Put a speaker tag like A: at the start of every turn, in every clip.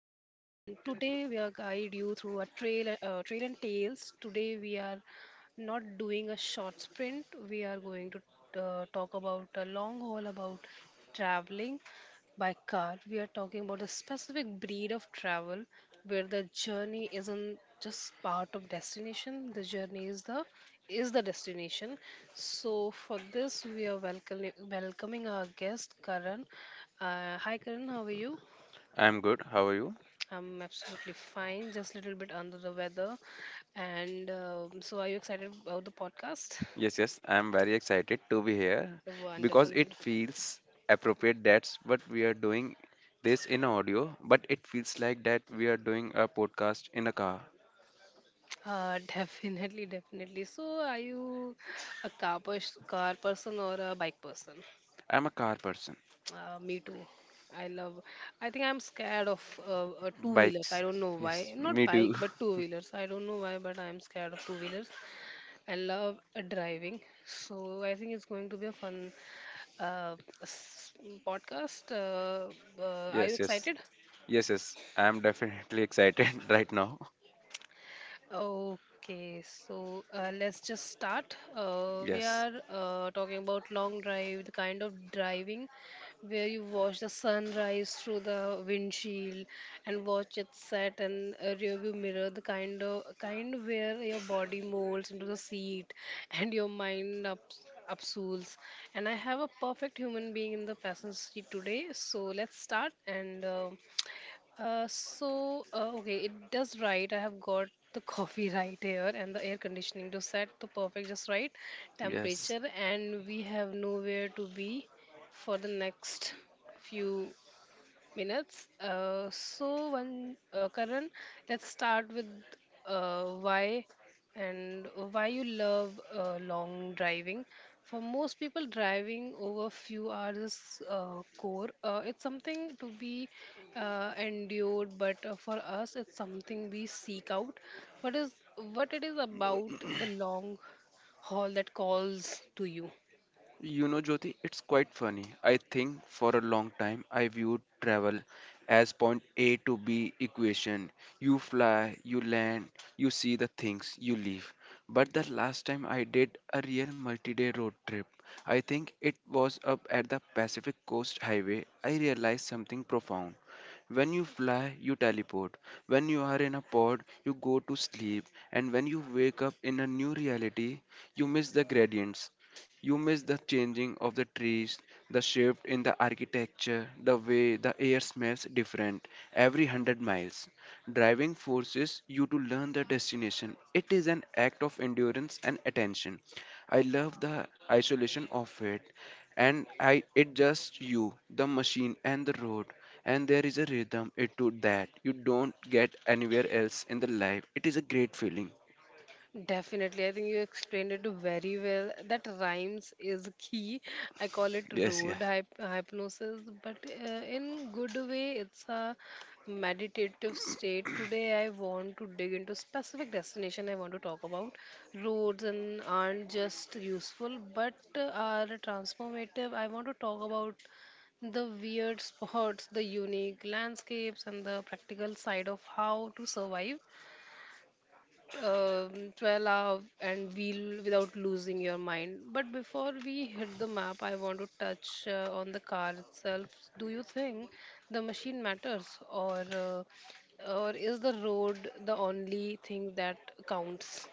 A: are guide you through a trail, trail and tales. Today we are not doing a short sprint. We are going to talk about a long haul about traveling by car. We are talking about a specific breed of travel where the journey isn't just part of destination. The journey is the destination. So for this, we are welcoming our guest Karan. Hi Karan, how are you?
B: I'm good. How are you?
A: I'm absolutely fine, just a little bit under the weather. And are you excited about the podcast?
B: Yes, I'm very excited to be here
A: Wonderful.
B: because
A: wonderful.
B: it feels appropriate that's what we are doing this in audio, but it feels like that we are doing a podcast in a car.
A: Definitely, definitely. So, are you car person or a bike person?
B: I'm a car person.
A: Me too. I love. I think I'm scared of two wheelers. I
B: Bikes.
A: don't know why.
B: Yes,
A: Not
B: me
A: bike,
B: too.
A: but two wheelers. I don't know why, but I'm scared of two wheelers. I love driving, so I think it's going to be a fun uh, s- podcast. Are you
B: Yes, yes.
A: excited?
B: Yes. I'm definitely excited right now.
A: Okay, so let's just start. We
B: Yes.
A: are talking about long drive, the kind of driving where you watch the sunrise through the windshield and watch it set in a rearview mirror, the kind where your body molds into the seat and your mind upsools. And I have a perfect human being in the passenger seat today. So let's start and. Okay, it does right. I have got the coffee right here and the air conditioning to set the perfect, just right
B: Yes.
A: temperature, and we have nowhere to be for the next few minutes. Karan, let's start with why and why you love long driving. For most people, driving over few hours is core. It's something to be endured, but for us, it's something we seek out. What is what it is about the long haul that calls to you?
B: You know, Jyoti, it's quite funny. I think for a long time I viewed travel as point A to B equation. You fly, you land, you see the things, you leave. But the last time I did a real multi-day road trip, I think it was up at the Pacific Coast Highway, I realized something profound. When you fly, you teleport. When you are in a pod, you go to sleep. And when you wake up in a new reality, you miss the gradients. You miss the changing of the trees, the shift in the architecture, the way the air smells different every 100 miles. Driving forces you to learn the destination. It is an act of endurance and attention. I love the isolation of it. And I it just you, the machine and the road. And there is a rhythm it to that you don't get anywhere else in the life. It is a great feeling.
A: Definitely. I think you explained it very well. That rhymes is key. I call it
B: Yes.
A: road hypnosis, but in good way, it's a meditative state. Today, I want to dig into specific destination I want to talk about. Roads and aren't just useful, but are transformative. I want to talk about the weird spots, the unique landscapes, and the practical side of how to survive 12 hour and wheel without losing your mind. But before we hit the map, I want to touch on the car itself. Do you think the machine matters, or uh, or is the road the only thing that counts?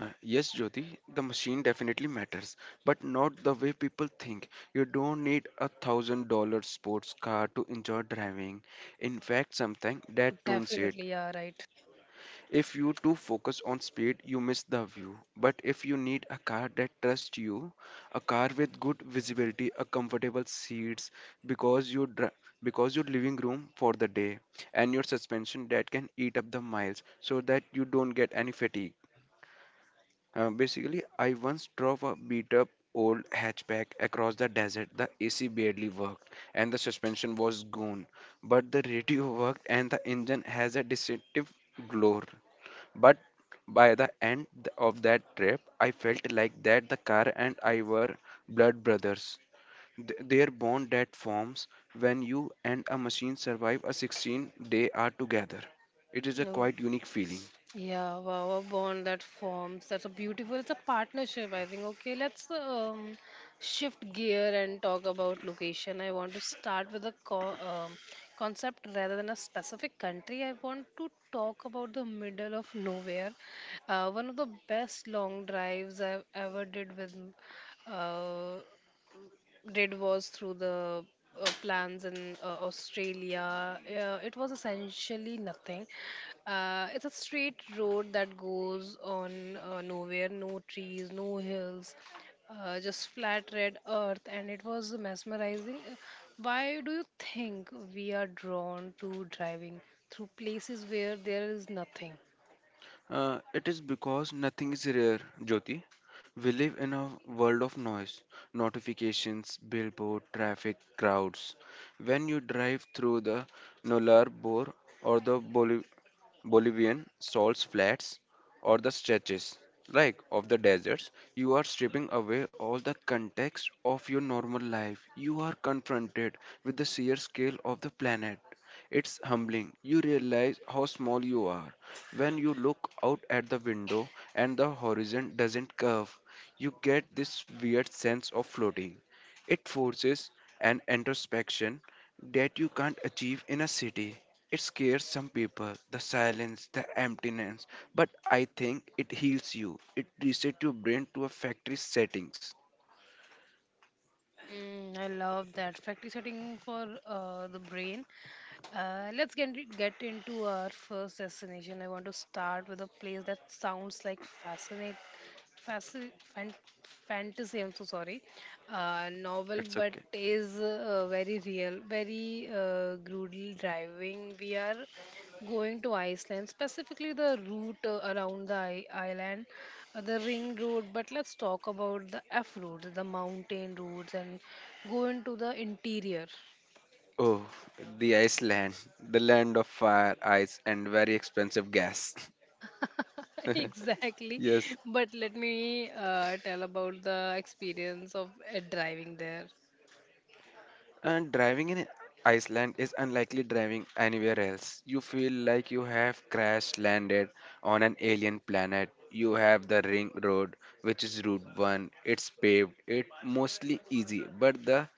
B: Yes, Jyoti, the machine definitely matters, but not the way people think. You don't need $1,000 sports car to enjoy driving. In fact, something that ruins it.
A: Definitely, yeah, right.
B: If you too focus on speed, you miss the view. But if you need a car that trusts you, a car with good visibility, a comfortable seats, because you dri- because your living room for the day, and your suspension that can eat up the miles so that you don't get any fatigue. Basically, I once drove a beat up old hatchback across the desert. The AC barely worked and the suspension was gone, but the radio worked and the engine has a distinctive glow. But by the end of that trip, I felt like that the car and I were blood brothers. Their bond that forms when you and a machine survive a 16-day are together. It is a
A: Oh.
B: quite unique feeling.
A: Yeah, wow, a bond that forms. That's a beautiful. It's a partnership, I think. Okay, let's shift gear and talk about location. I want to start with a concept rather than a specific country. I want to talk about the middle of nowhere. One of the best long drives I've ever did with uh, did was through the plans in Australia. It was essentially nothing. It's a straight road that goes on nowhere, no trees, no hills, just flat red earth, and it was mesmerizing. Why do you think we are drawn to driving through places where there is nothing?
B: It is because nothing is rare, Jyoti. We live in a world of noise, notifications, billboard, traffic, crowds. When you drive through the Nolar Bor or the Bolivian salts flats or the stretches like of the deserts, you are stripping away all the context of your normal life. You are confronted with the sheer scale of the planet. It's humbling. You realize how small you are when you look out at the window and the horizon doesn't curve. You get this weird sense of floating. It forces an introspection that you can't achieve in a city. It scares some people, the silence, the emptiness, but I think it heals you. It resets your brain to a factory settings.
A: Mm, I love that factory setting for the brain. Let's get into our first destination. I want to start with a place that sounds like fasc, fan, fantasy. I'm so sorry, novel,
B: It's
A: but
B: okay.
A: is very real, very brutal driving. We are going to Iceland, specifically the route around the island the ring road, but let's talk about the F roads, the mountain roads, and go into the interior.
B: Oh, the Iceland, the land of fire, ice, and very expensive gas.
A: Exactly,
B: yes.
A: but let me tell about the experience of driving there.
B: And driving in Iceland is unlikely driving anywhere else. You feel like you have crash landed on an alien planet. You have the ring road, which is Route 1. It's paved, it's mostly easy, but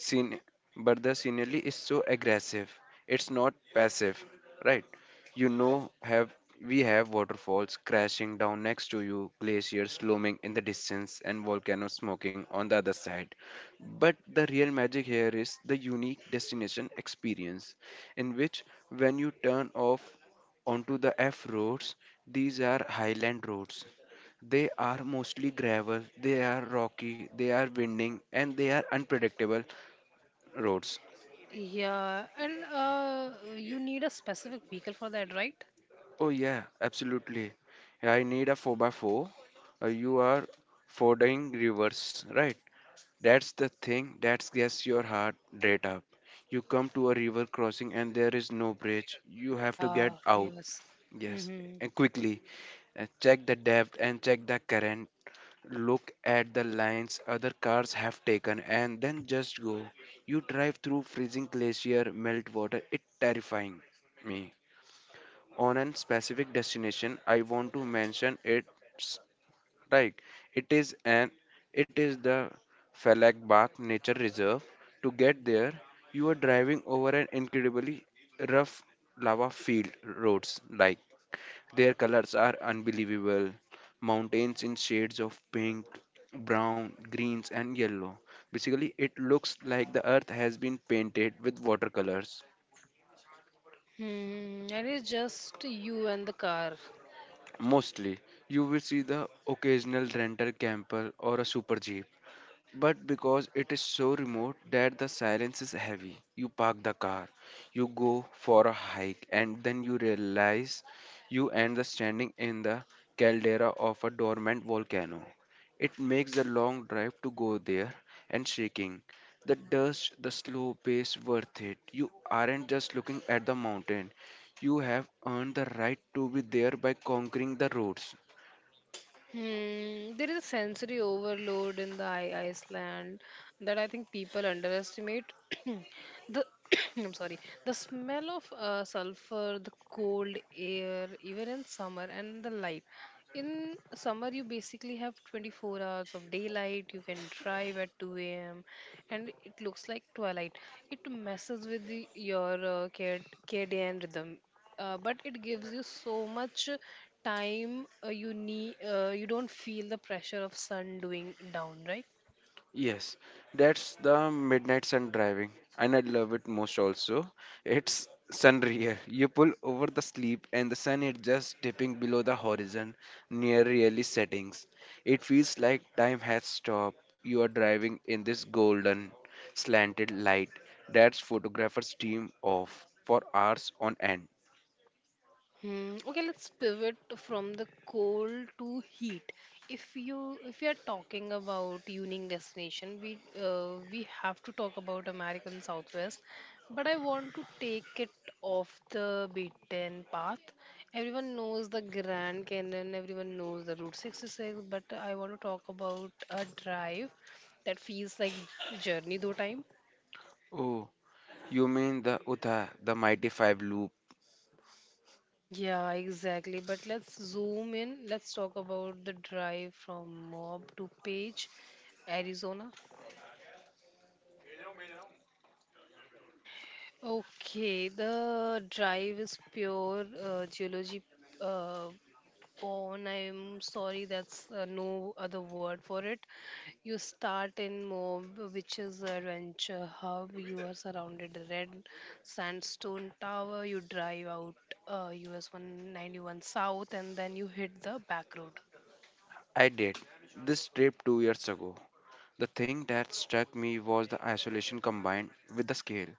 B: Scene, the scenery is so aggressive. It's not passive, right? You know, have We have waterfalls crashing down next to you, glaciers looming in the distance, and volcanoes smoking on the other side. But the real magic here is the unique destination experience, in which when you turn off onto the F roads, these are highland roads. They are mostly gravel, they are rocky, they are winding, and they are unpredictable roads.
A: Yeah, and you need a specific vehicle for that, right.
B: Oh yeah, absolutely. I need a 4 by 4. You are fording rivers, right? That's the thing that gets your heart rate up. You come to a river crossing and there is no bridge. You have to get
A: Yeah,
B: out.
A: yes.
B: Yes,
A: Mm-hmm.
B: and quickly. And check the depth and check the current. Look at the lines other cars have taken and then just go. You drive through freezing glacier, melt water. It terrifying me on a specific destination I want to mention it's like it is an it is the Falakbak nature reserve. To get there you are driving over an incredibly rough lava field roads, like their colors are unbelievable, mountains in shades of pink, brown, greens and yellow. Basically it looks like the earth has been painted with watercolors.
A: Hmm, and it's just you and the car.
B: Mostly, you will see the occasional rental camper or a super jeep, but because it is so remote that the silence is heavy, you park the car, you go for a hike, and then you realize you end up standing in the caldera of a dormant volcano. It makes the long drive to go there and shaking. The dust, the slow pace worth it. You aren't just looking at the mountain. You have earned the right to be there by conquering the roads.
A: Hmm, there is a sensory overload in the Iceland that I think people underestimate. the I'm sorry, the smell of sulfur, the cold air, even in summer, and the light. In summer, you basically have 24 hours of daylight. You can drive at 2 a.m. and it looks like twilight. It messes with the, your circadian rhythm, but it gives you so much time. You don't feel the pressure of sun doing down, right?
B: Yes, that's the midnight sun driving, and I love it most also. It's sunrier. You pull over the sleep, and the sun is just dipping below the horizon near really settings. It feels like time has stopped. You are driving in this golden, slanted light that's photographer's dream of for hours on end.
A: Hmm. Okay, let's pivot from the cold to heat. If you are talking about unique destination, we have to talk about American Southwest, but I want to take it off the beaten path. Everyone knows the Grand Canyon, everyone knows the Route 66, but I want to talk about a drive that feels like journey though time.
B: Oh, you mean the Utha, the Mighty Five loop?
A: Yeah, exactly. But let's zoom in. Let's talk about the drive from Mob to Page, Arizona. Okay, the drive is pure geology uh, porn. I'm sorry, that's no other word for it. You start in Moab, which is a adventure hub. You are surrounded by red sandstone tower. You drive out US 191 south, and then you hit the back road.
B: I did this trip 2 years ago. The thing that struck me was the isolation combined with the scale.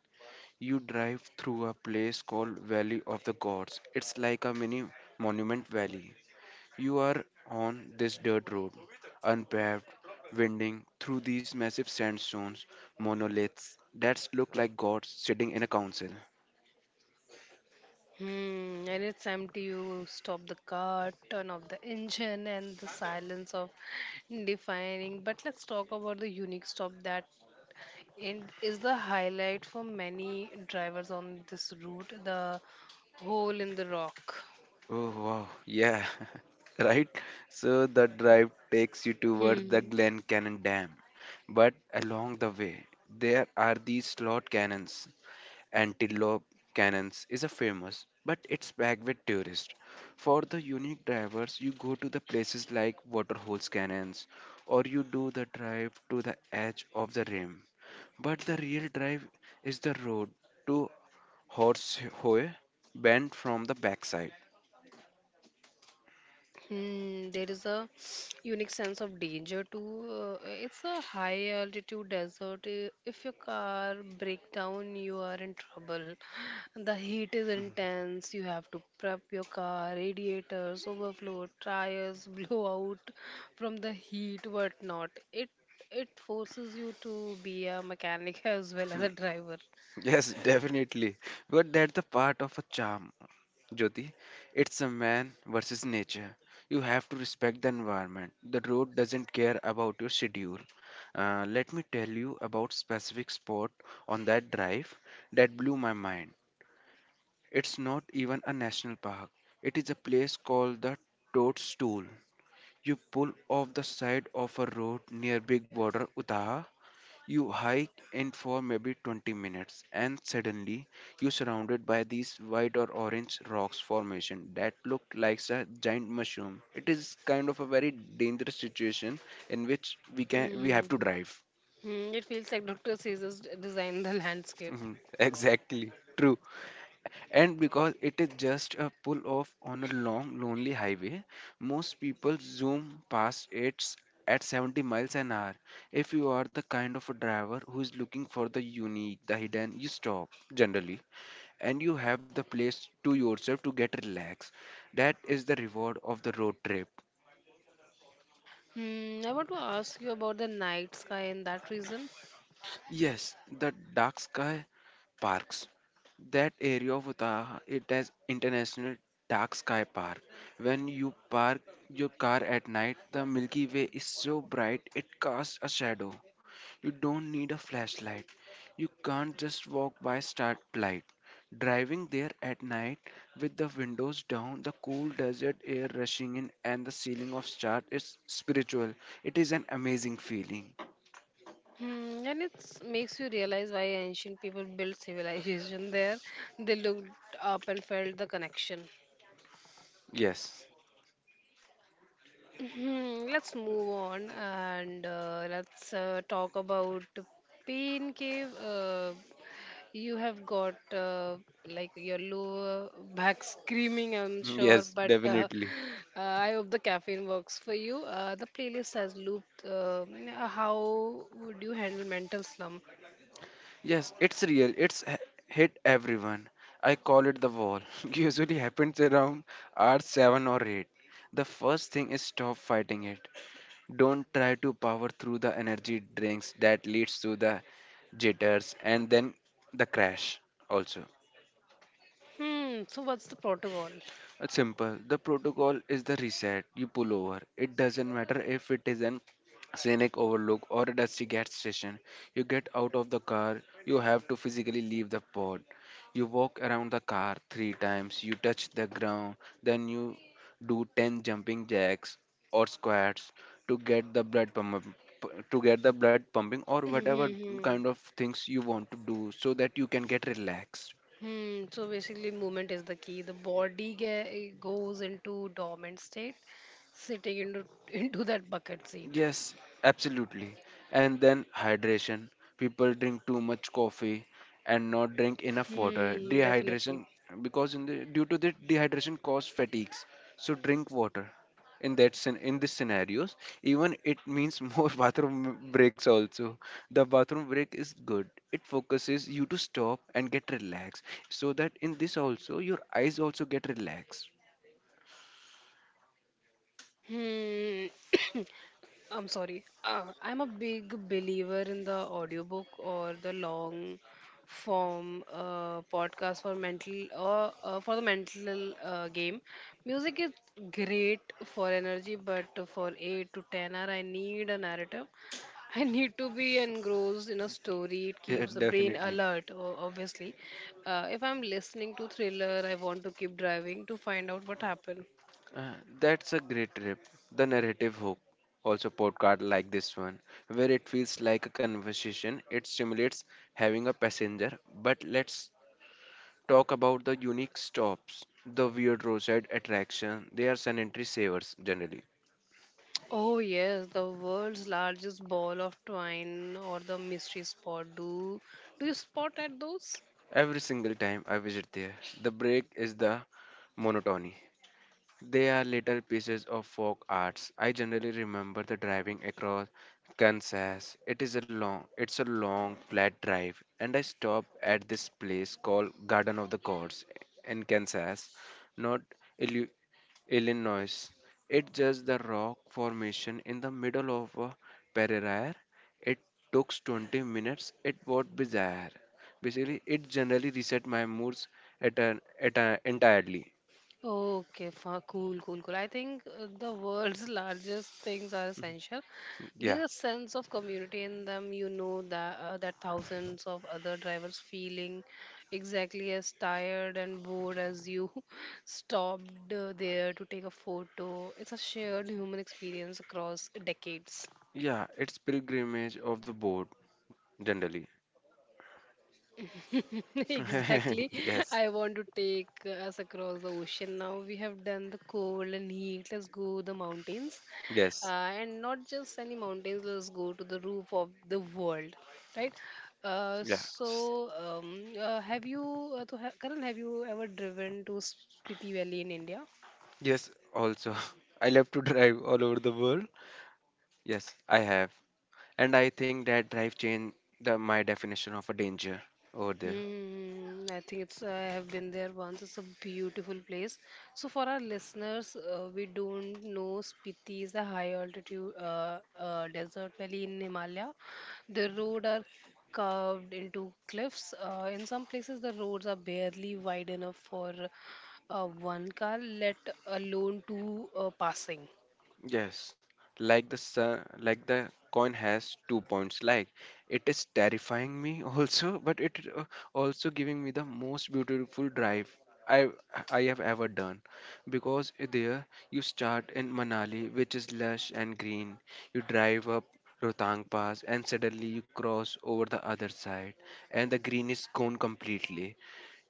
B: You drive through a place called Valley of the Gods. It's like a mini monument valley. You are on this dirt road, unpaved, winding through these massive sandstones, monoliths that look like gods sitting in a council.
A: Hmm, and it's empty. You stop the car, turn off the engine, and the silence of defining. But let's talk about the unique stop that in- is the highlight for many drivers on this route, the hole in the rock.
B: Oh wow, yeah, right? So the drive takes you towards the
A: Hmm.
B: Glen Cannon Dam. But along the way, there are these slot cannons. Antelope Canyons is a famous, but it's packed with tourists. For the unique drivers, you go to the places like Waterholes Canyons, or you do the drive to the edge of the rim. But the real drive is the road to Horsehoe Bend from the backside.
A: Hmm, there is a unique sense of danger too. It's a high altitude desert. If your car breaks down, you are in trouble. The heat is intense. You have to prep your car, radiators, overflow, tires, blow out from the heat, whatnot. It forces you to be a mechanic as well as a driver.
B: Yes, definitely. But that's the part of a charm. Jyoti, it's a man versus nature. You have to respect the environment. The road doesn't care about your schedule. Let me tell you about specific spot on that drive that blew my mind. It's not even a national park. It is a place called the Toadstool. You pull off the side of a road near Big Water, Utah, you hike in for maybe 20 minutes, and suddenly you're surrounded by these white or orange rocks formation that look like a giant mushroom. It is kind of a very dangerous situation in which we have
A: Hmm.
B: to drive.
A: Hmm. It feels like Dr. Caesar's designed the landscape.
B: exactly, true. And because it is just a pull off on a long, lonely highway, most people zoom past it at 70 miles an hour. If you are the kind of a driver who is looking for the unique, the hidden, you stop generally and you have the place to yourself to get relaxed. That is the reward of the road trip.
A: Hmm, I want to ask you about the night sky and that reason.
B: Yes, the dark sky parks. That area of Utah, it has international dark sky park. When you park your car at night, the Milky Way is so bright it casts a shadow. You don't need a flashlight. You can't just walk by starlight. Driving there at night with the windows down, the cool desert air rushing in and the ceiling of stars is spiritual. It is an amazing feeling.
A: Hmm, and it makes you realize why ancient people built civilization there. They looked up and felt the connection.
B: Yes.
A: Mhm. Let's move on and let's talk about pain cave. You have got like your lower back screaming, I'm sure,
B: Yes,
A: but
B: definitely.
A: I hope the caffeine works for you. The playlist has looped. How would you handle mental slump?
B: Yes, it's real. It's hit everyone. I call it the wall. Usually happens around hour 7 or 8. The first thing is stop fighting it. Don't try to power through the energy drinks that leads to the jitters and then the crash also.
A: Hmm, so what's the protocol?
B: It's simple. The protocol is the reset. You pull over. It doesn't matter if it is an scenic overlook or a dusty gas station. You get out of the car. You have to physically leave the pod. You walk around the car three times. You touch the ground. Then you do 10 jumping jacks or squats to get the blood pump to get the blood pumping or whatever
A: Mm-hmm.
B: kind of things you want to do so that you can get relaxed.
A: Hmm, so basically, movement is the key. The body goes into dormant state, sitting into into that bucket seat.
B: Yes, absolutely. And then hydration. People drink too much coffee and not drink enough water.
A: Hmm, definitely.
B: Dehydration because in the due to the dehydration cause fatigues. So drink water. In this scenarios, even it means more bathroom breaks also. The bathroom break is good. It focuses you to stop and get relaxed. So that in this also your eyes also get relaxed.
A: Hmm. I'm sorry. I'm a big believer in the audiobook or the long form podcast for mental or for the mental game. Music is great for energy, but for 8 to 10 hour, I need a narrative. I need to be engrossed in a story. It
B: Yeah,
A: keeps the brain
B: definitely.
A: alert, obviously. If I'm listening to thriller, I want to keep driving to find out what happened.
B: Uh, that's a great trip. The narrative hook, also podcast like this one, where it feels like a conversation. It stimulates having a passenger. But let's talk about the unique stops, the weird roadside attraction. They are sanitary savers generally.
A: Oh, yes, the world's largest ball of twine or the mystery spot. Do you spot at those?
B: Every single time I visit there, the break is the monotony. They are little pieces of folk arts. I generally remember the driving across Kansas. It's a long flat drive, and I stopped at this place called Garden of the Gods in Kansas, not Illu- Illinois. It's just the rock formation in the middle of a prairie. It took 20 minutes. It was bizarre. Basically, it generally reset my moods at an, at a, entirely.
A: Okay, fa cool, cool, cool. I think the world's largest things are essential.
B: Yeah.
A: There's a sense of community in them. You know that that thousands of other drivers feeling exactly as tired and bored as you stopped there to take a photo. It's a shared human experience across decades.
B: Yeah, it's pilgrimage of the boat generally.
A: Exactly.
B: Yes,
A: I want to take us across the ocean now. We have done the cold and heat. Let's go the mountains.
B: yes,
A: And not just any mountains, let's go to the roof of the world, right?
B: yeah,
A: So, have you, to ha Karan, have you ever driven to Spiti Valley in India?
B: yes. Also, I love to drive all over the world. Yes, I have, and I think that drive changed the my definition of a danger over there.
A: Hmm, I think it's I have been there once. It's a beautiful place. So for our listeners, we don't know Spiti is a high altitude desert valley in Himalaya. The road are curved into cliffs. In some places, the roads are barely wide enough for one car, let alone two passing.
B: Yes, like the sun, like the coin has two points. Like it is terrifying me also, but it is, also giving me the most beautiful drive I I have ever done, because there you start in Manali, which is lush and green. You drive up Rohtang Pass, and suddenly you cross over the other side, and the green is gone completely.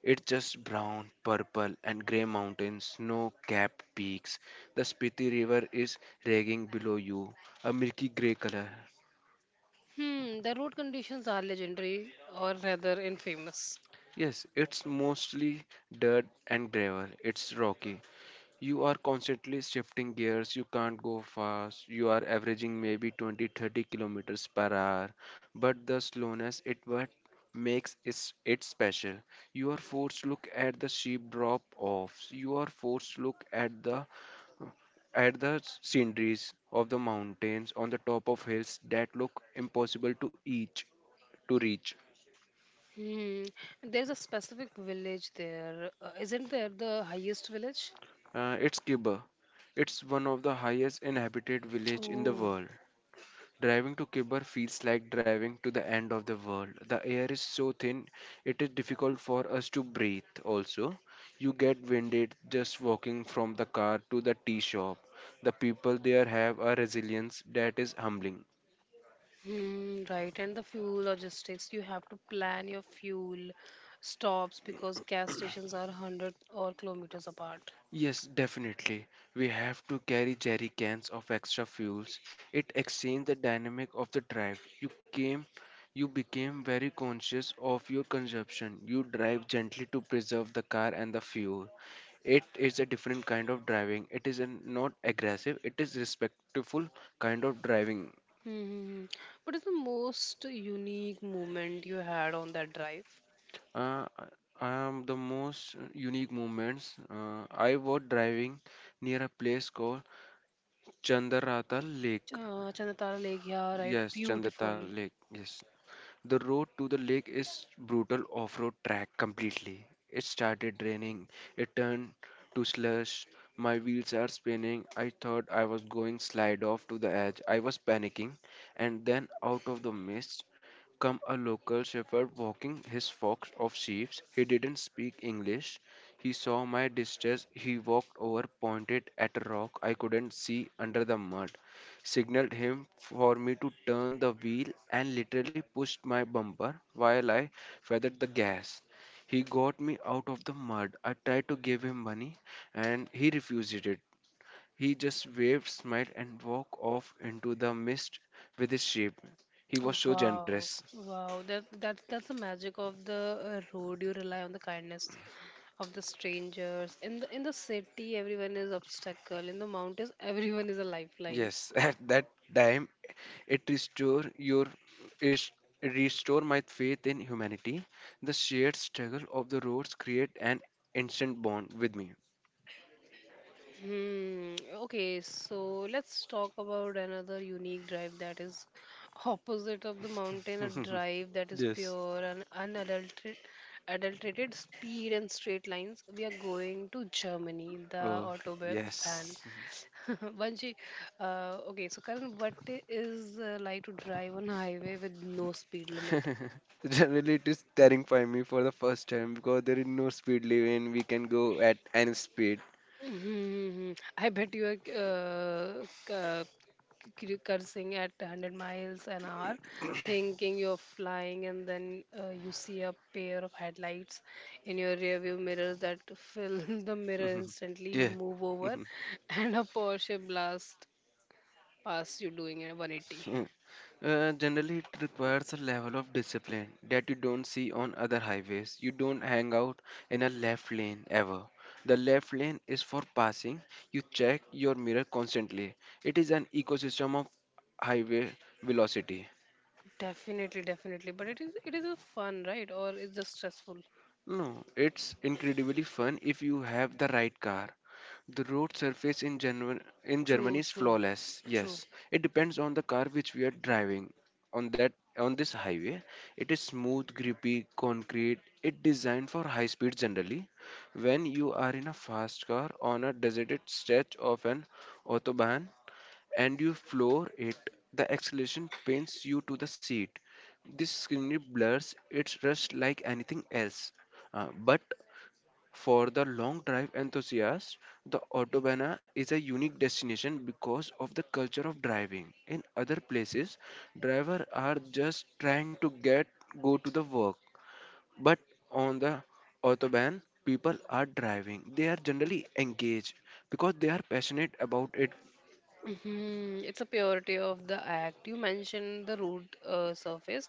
B: It's just brown, purple, and grey mountains, snow capped peaks. The Spiti River is raging below you, a milky grey color.
A: Hmm, the road conditions are legendary, or rather infamous.
B: Yes, it's mostly dirt and gravel. It's rocky. You are constantly shifting gears. You can't go fast. You are averaging maybe 20 30 kilometers per hour. But the slowness, it what makes it special. You are forced to look at the sheep drop offs. You are forced to look at the sceneries of the mountains on the top of hills that look impossible to reach.
A: Hmm. There's a specific village there. Isn't there the highest village?
B: It's Kibber. It's one of the highest inhabited village in the
A: Oh,
B: world. Driving to Kibber feels like driving to the end of the world. The air is so thin it is difficult for us to breathe also. You get winded just walking from the car to the tea shop. The people there have a resilience that is humbling.
A: hmm, right. And the fuel logistics, you have to plan your fuel stops because gas stations are 100 or kilometers apart.
B: Yes, definitely. We have to carry jerry cans of extra fuels. It exchanged the dynamic of the drive. You became very conscious of your consumption. You drive gently to preserve the car and the fuel. It is a different kind of driving. It is an, not aggressive, it is respectful kind of driving.
A: Hmm. Hmm, hmm. What is the most unique moment you had on that drive?
B: Uh, the most unique moments. I was driving near a place called Chandaratal Lake.
A: Chandratara Lake, yeah, right.
B: Yes, Chandrata
A: Beautiful.
B: Lake. Yes. The road to the lake is brutal off-road track completely. It started raining. It turned to slush. My wheels are spinning. I thought I was going slide off to the edge. I was panicking. And then out of the mist come a local shepherd walking his flock of sheep. He didn't speak English. He saw my distress. He walked over, pointed at a rock I couldn't see under the mud, signaled him for me to turn the wheel and literally pushed my bumper while I feathered the gas. He got me out of the mud. I tried to give him money and he refused it. He just waved, smiled, and walked off into the mist with his sheep. He was so
A: Wow.
B: generous.
A: Wow. That's the magic of the road. You rely on the kindness of the strangers. In the in the city, everyone is obstacle; in the mountains everyone is a lifeline.
B: Yes, at that time it restore your it restore my faith in humanity. The shared struggle of the roads create an instant bond with me.
A: Hmm, okay, so let's talk about another unique drive that is opposite of the mountain, a drive that is
B: Yes.
A: pure and unadulterated adulterated speed and straight lines. We are going to Germany, the
B: Oh,
A: Autobahn.
B: yes.
A: Banji, okay, so Karan, is like to drive on highway with no speed limit.
B: Generally, it is terrifying me for the first time because there is no speed limit. We can go at any speed.
A: Mm-hmm. I bet you are cursing at 100 miles an hour, thinking you're flying, and then you see a pair of headlights in your rearview mirrors that fill the mirror
B: Mhm.
A: instantly. You
B: Yeah.
A: move over,
B: Mhm.
A: and a Porsche blast past you doing a 180.
B: Mm. Generally, it requires a level of discipline that you don't see on other highways. You don't hang out in a left lane ever. The left lane is for passing. You check your mirror constantly. It is an ecosystem of highway velocity.
A: Definitely, definitely. But it is a fun, right? Or it's just stressful.
B: No, it's incredibly fun if you have the right car. The road surface in Germany
A: True,
B: is
A: true,
B: flawless.
A: true.
B: Yes, it depends on the car which we are driving. On that on this highway, it is smooth, grippy, concrete. It designed for high speed generally. When you are in a fast car on a deserted stretch of an autobahn, and you floor it, the acceleration pins you to the seat. This screen blurs its rust like anything else. But for the long drive enthusiast, the Autobahn is a unique destination because of the culture of driving. In other places, drivers are just trying to get go to the work, but on the Autobahn, people are driving. They are generally engaged because they are passionate about it.
A: Mhm. It's a purity of the act. You mentioned the root surface.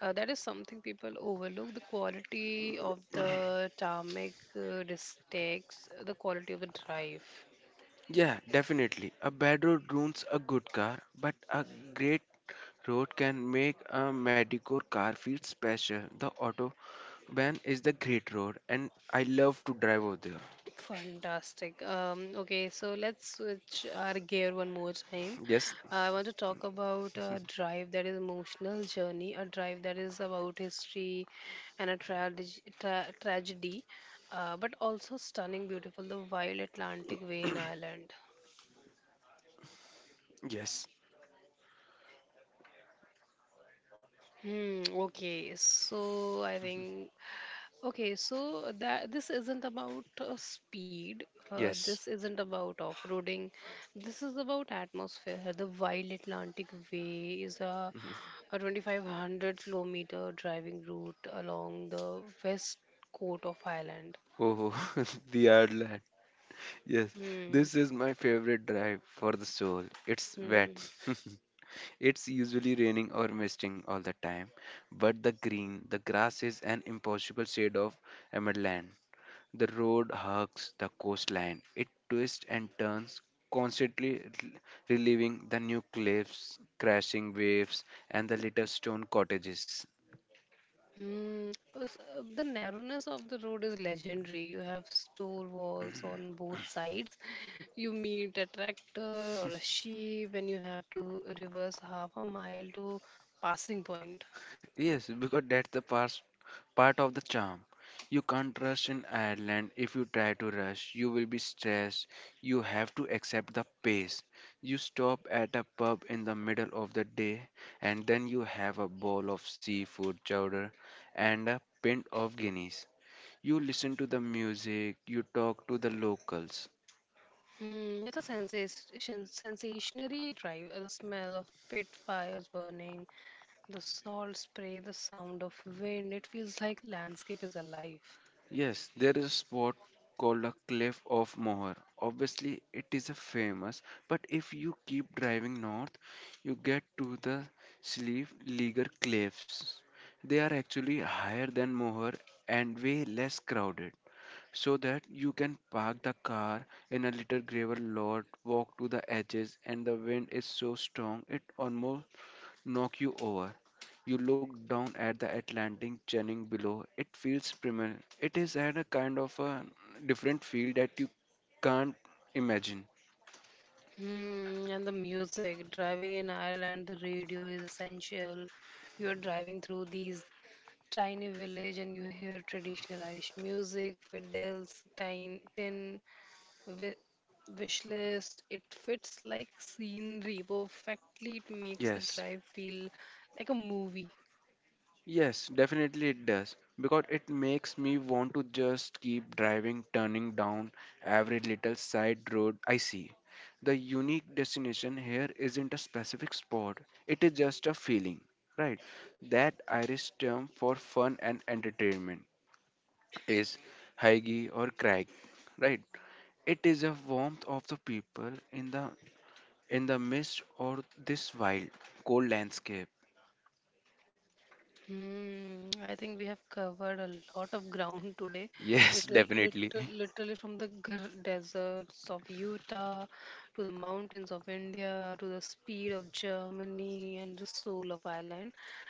A: That is something people overlook. The quality of the tarmac dictates the quality of the drive.
B: Yeah, definitely. A bad road ruins a good car, but a great road can make a mediocre car feel special. The autobahn is the great road, and I love to drive over there.
A: Fantastic. Okay, so let's switch our gear one more time.
B: Yes,
A: I want to talk about a drive that is emotional journey, a drive that is about history and a tragedy, but also stunning, beautiful, the Wild Atlantic Way in Ireland.
B: yes,
A: Hmm, okay, so I think okay, so that this isn't about speed. This
B: yes.
A: isn't about off-roading. This is about atmosphere. The Wild Atlantic Way is a,
B: Mhm.
A: a 2,500 kilometer driving route along the west coast of Ireland.
B: Oh, the Ireland. Yes,
A: Hmm.
B: this is my favorite drive for the soul. It's
A: Hmm.
B: wet. it's usually raining or misting all the time, but the green, the grass is an impossible shade of emerald. The road hugs the coastline. It twists and turns, constantly relieving the new cliffs, crashing waves, and the little stone cottages.
A: Hmm. The narrowness of the road is legendary. You have stone walls on both sides. You meet a tractor or a sheep, and you have to reverse half a mile to passing point.
B: Yes, because that's the part of the charm. You can't rush in Ireland. If you try to rush, you will be stressed. You have to accept the pace. You stop at a pub in the middle of the day, and then you have a bowl of seafood chowder and a pint of Guinness. You listen to the music, you talk to the locals.
A: Hmm. It's a sensationary drive. The smell of pit fires burning, the salt spray, the sound of wind. It feels like landscape is alive.
B: Yes, there is a spot called a Cliff of Moher. Obviously, it is a famous, but if you keep driving north, you get to the Slieve Leaguer Cliffs. They are actually higher than Moher and way less crowded, so that you can park the car in a little gravel lot, walk to the edges, and the wind is so strong it almost knock you over. You look down at the Atlantic churning below. It feels primal. It is at a kind of a different feel that you can't imagine.
A: Hmm, and the music, driving in Ireland, the radio is essential. You're driving through these tiny village and you hear traditional Irish music, fiddles, wi- wish list. It fits like scenery perfectly. It makes the
B: Yes,
A: drive feel like a movie.
B: yes, definitely it does. Because it makes me want to just keep driving, turning down every little side road I see. The unique destination here isn't a specific spot, it is just a feeling, right? That Irish term for fun and entertainment is Haigi or Crag, right? It is a warmth of the people in the midst of this wild, cold landscape.
A: Hmm, I think we have covered a lot of ground today.
B: Yes, definitely.
A: Literally from the deserts of Utah to the mountains of India to the speed of Germany and the soul of Ireland.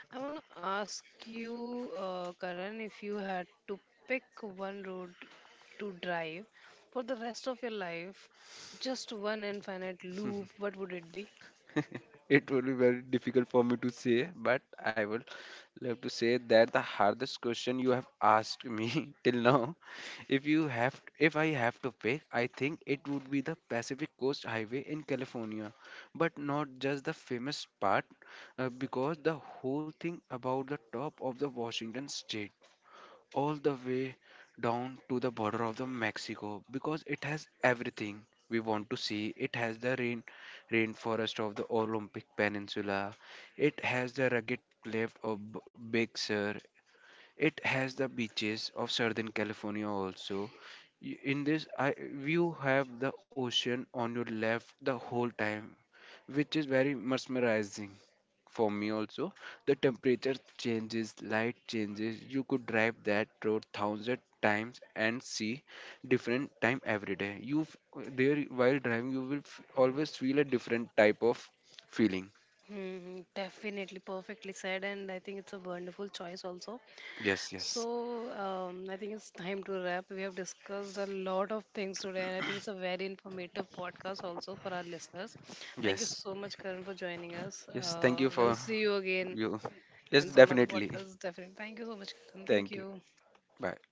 A: I want to ask you, Karan, if you had to pick one road to drive for the rest of your life, just one infinite loop, what would it be?
B: it will be very difficult for me to say, but I will love to say that the hardest question you have asked me till now. If you have, if I have to pick, I think it would be the Pacific Coast Highway in California, but not just the famous part, because the whole thing about the top of the Washington state, all the way down to the border of the Mexico, because it has everything we want to see. It has the rainforest of the Olympic Peninsula. It has the rugged cliff of Big Sur. It has the beaches of Southern California also. In this, I, you have the ocean on your left the whole time, which is very mesmerizing for me also. The temperature changes, light changes. You could drive that road 1,000 times and see different time every day. There while driving, you will always feel a different type of feeling.
A: Mm, definitely perfectly said, and I think it's a wonderful choice also.
B: Yes, yes,
A: So, I think it's time to wrap. We have discussed a lot of things today, and I think it's a very informative podcast also for our listeners. Thank you
B: yes,
A: so much, Karan, for joining us.
B: yes. Thank you
A: We'll
B: for
A: see you again
B: you. Yes,
A: in some other
B: definitely.
A: podcast, definitely. Thank you so much, Karan. Thank
B: Thank you.
A: you.
B: Bye.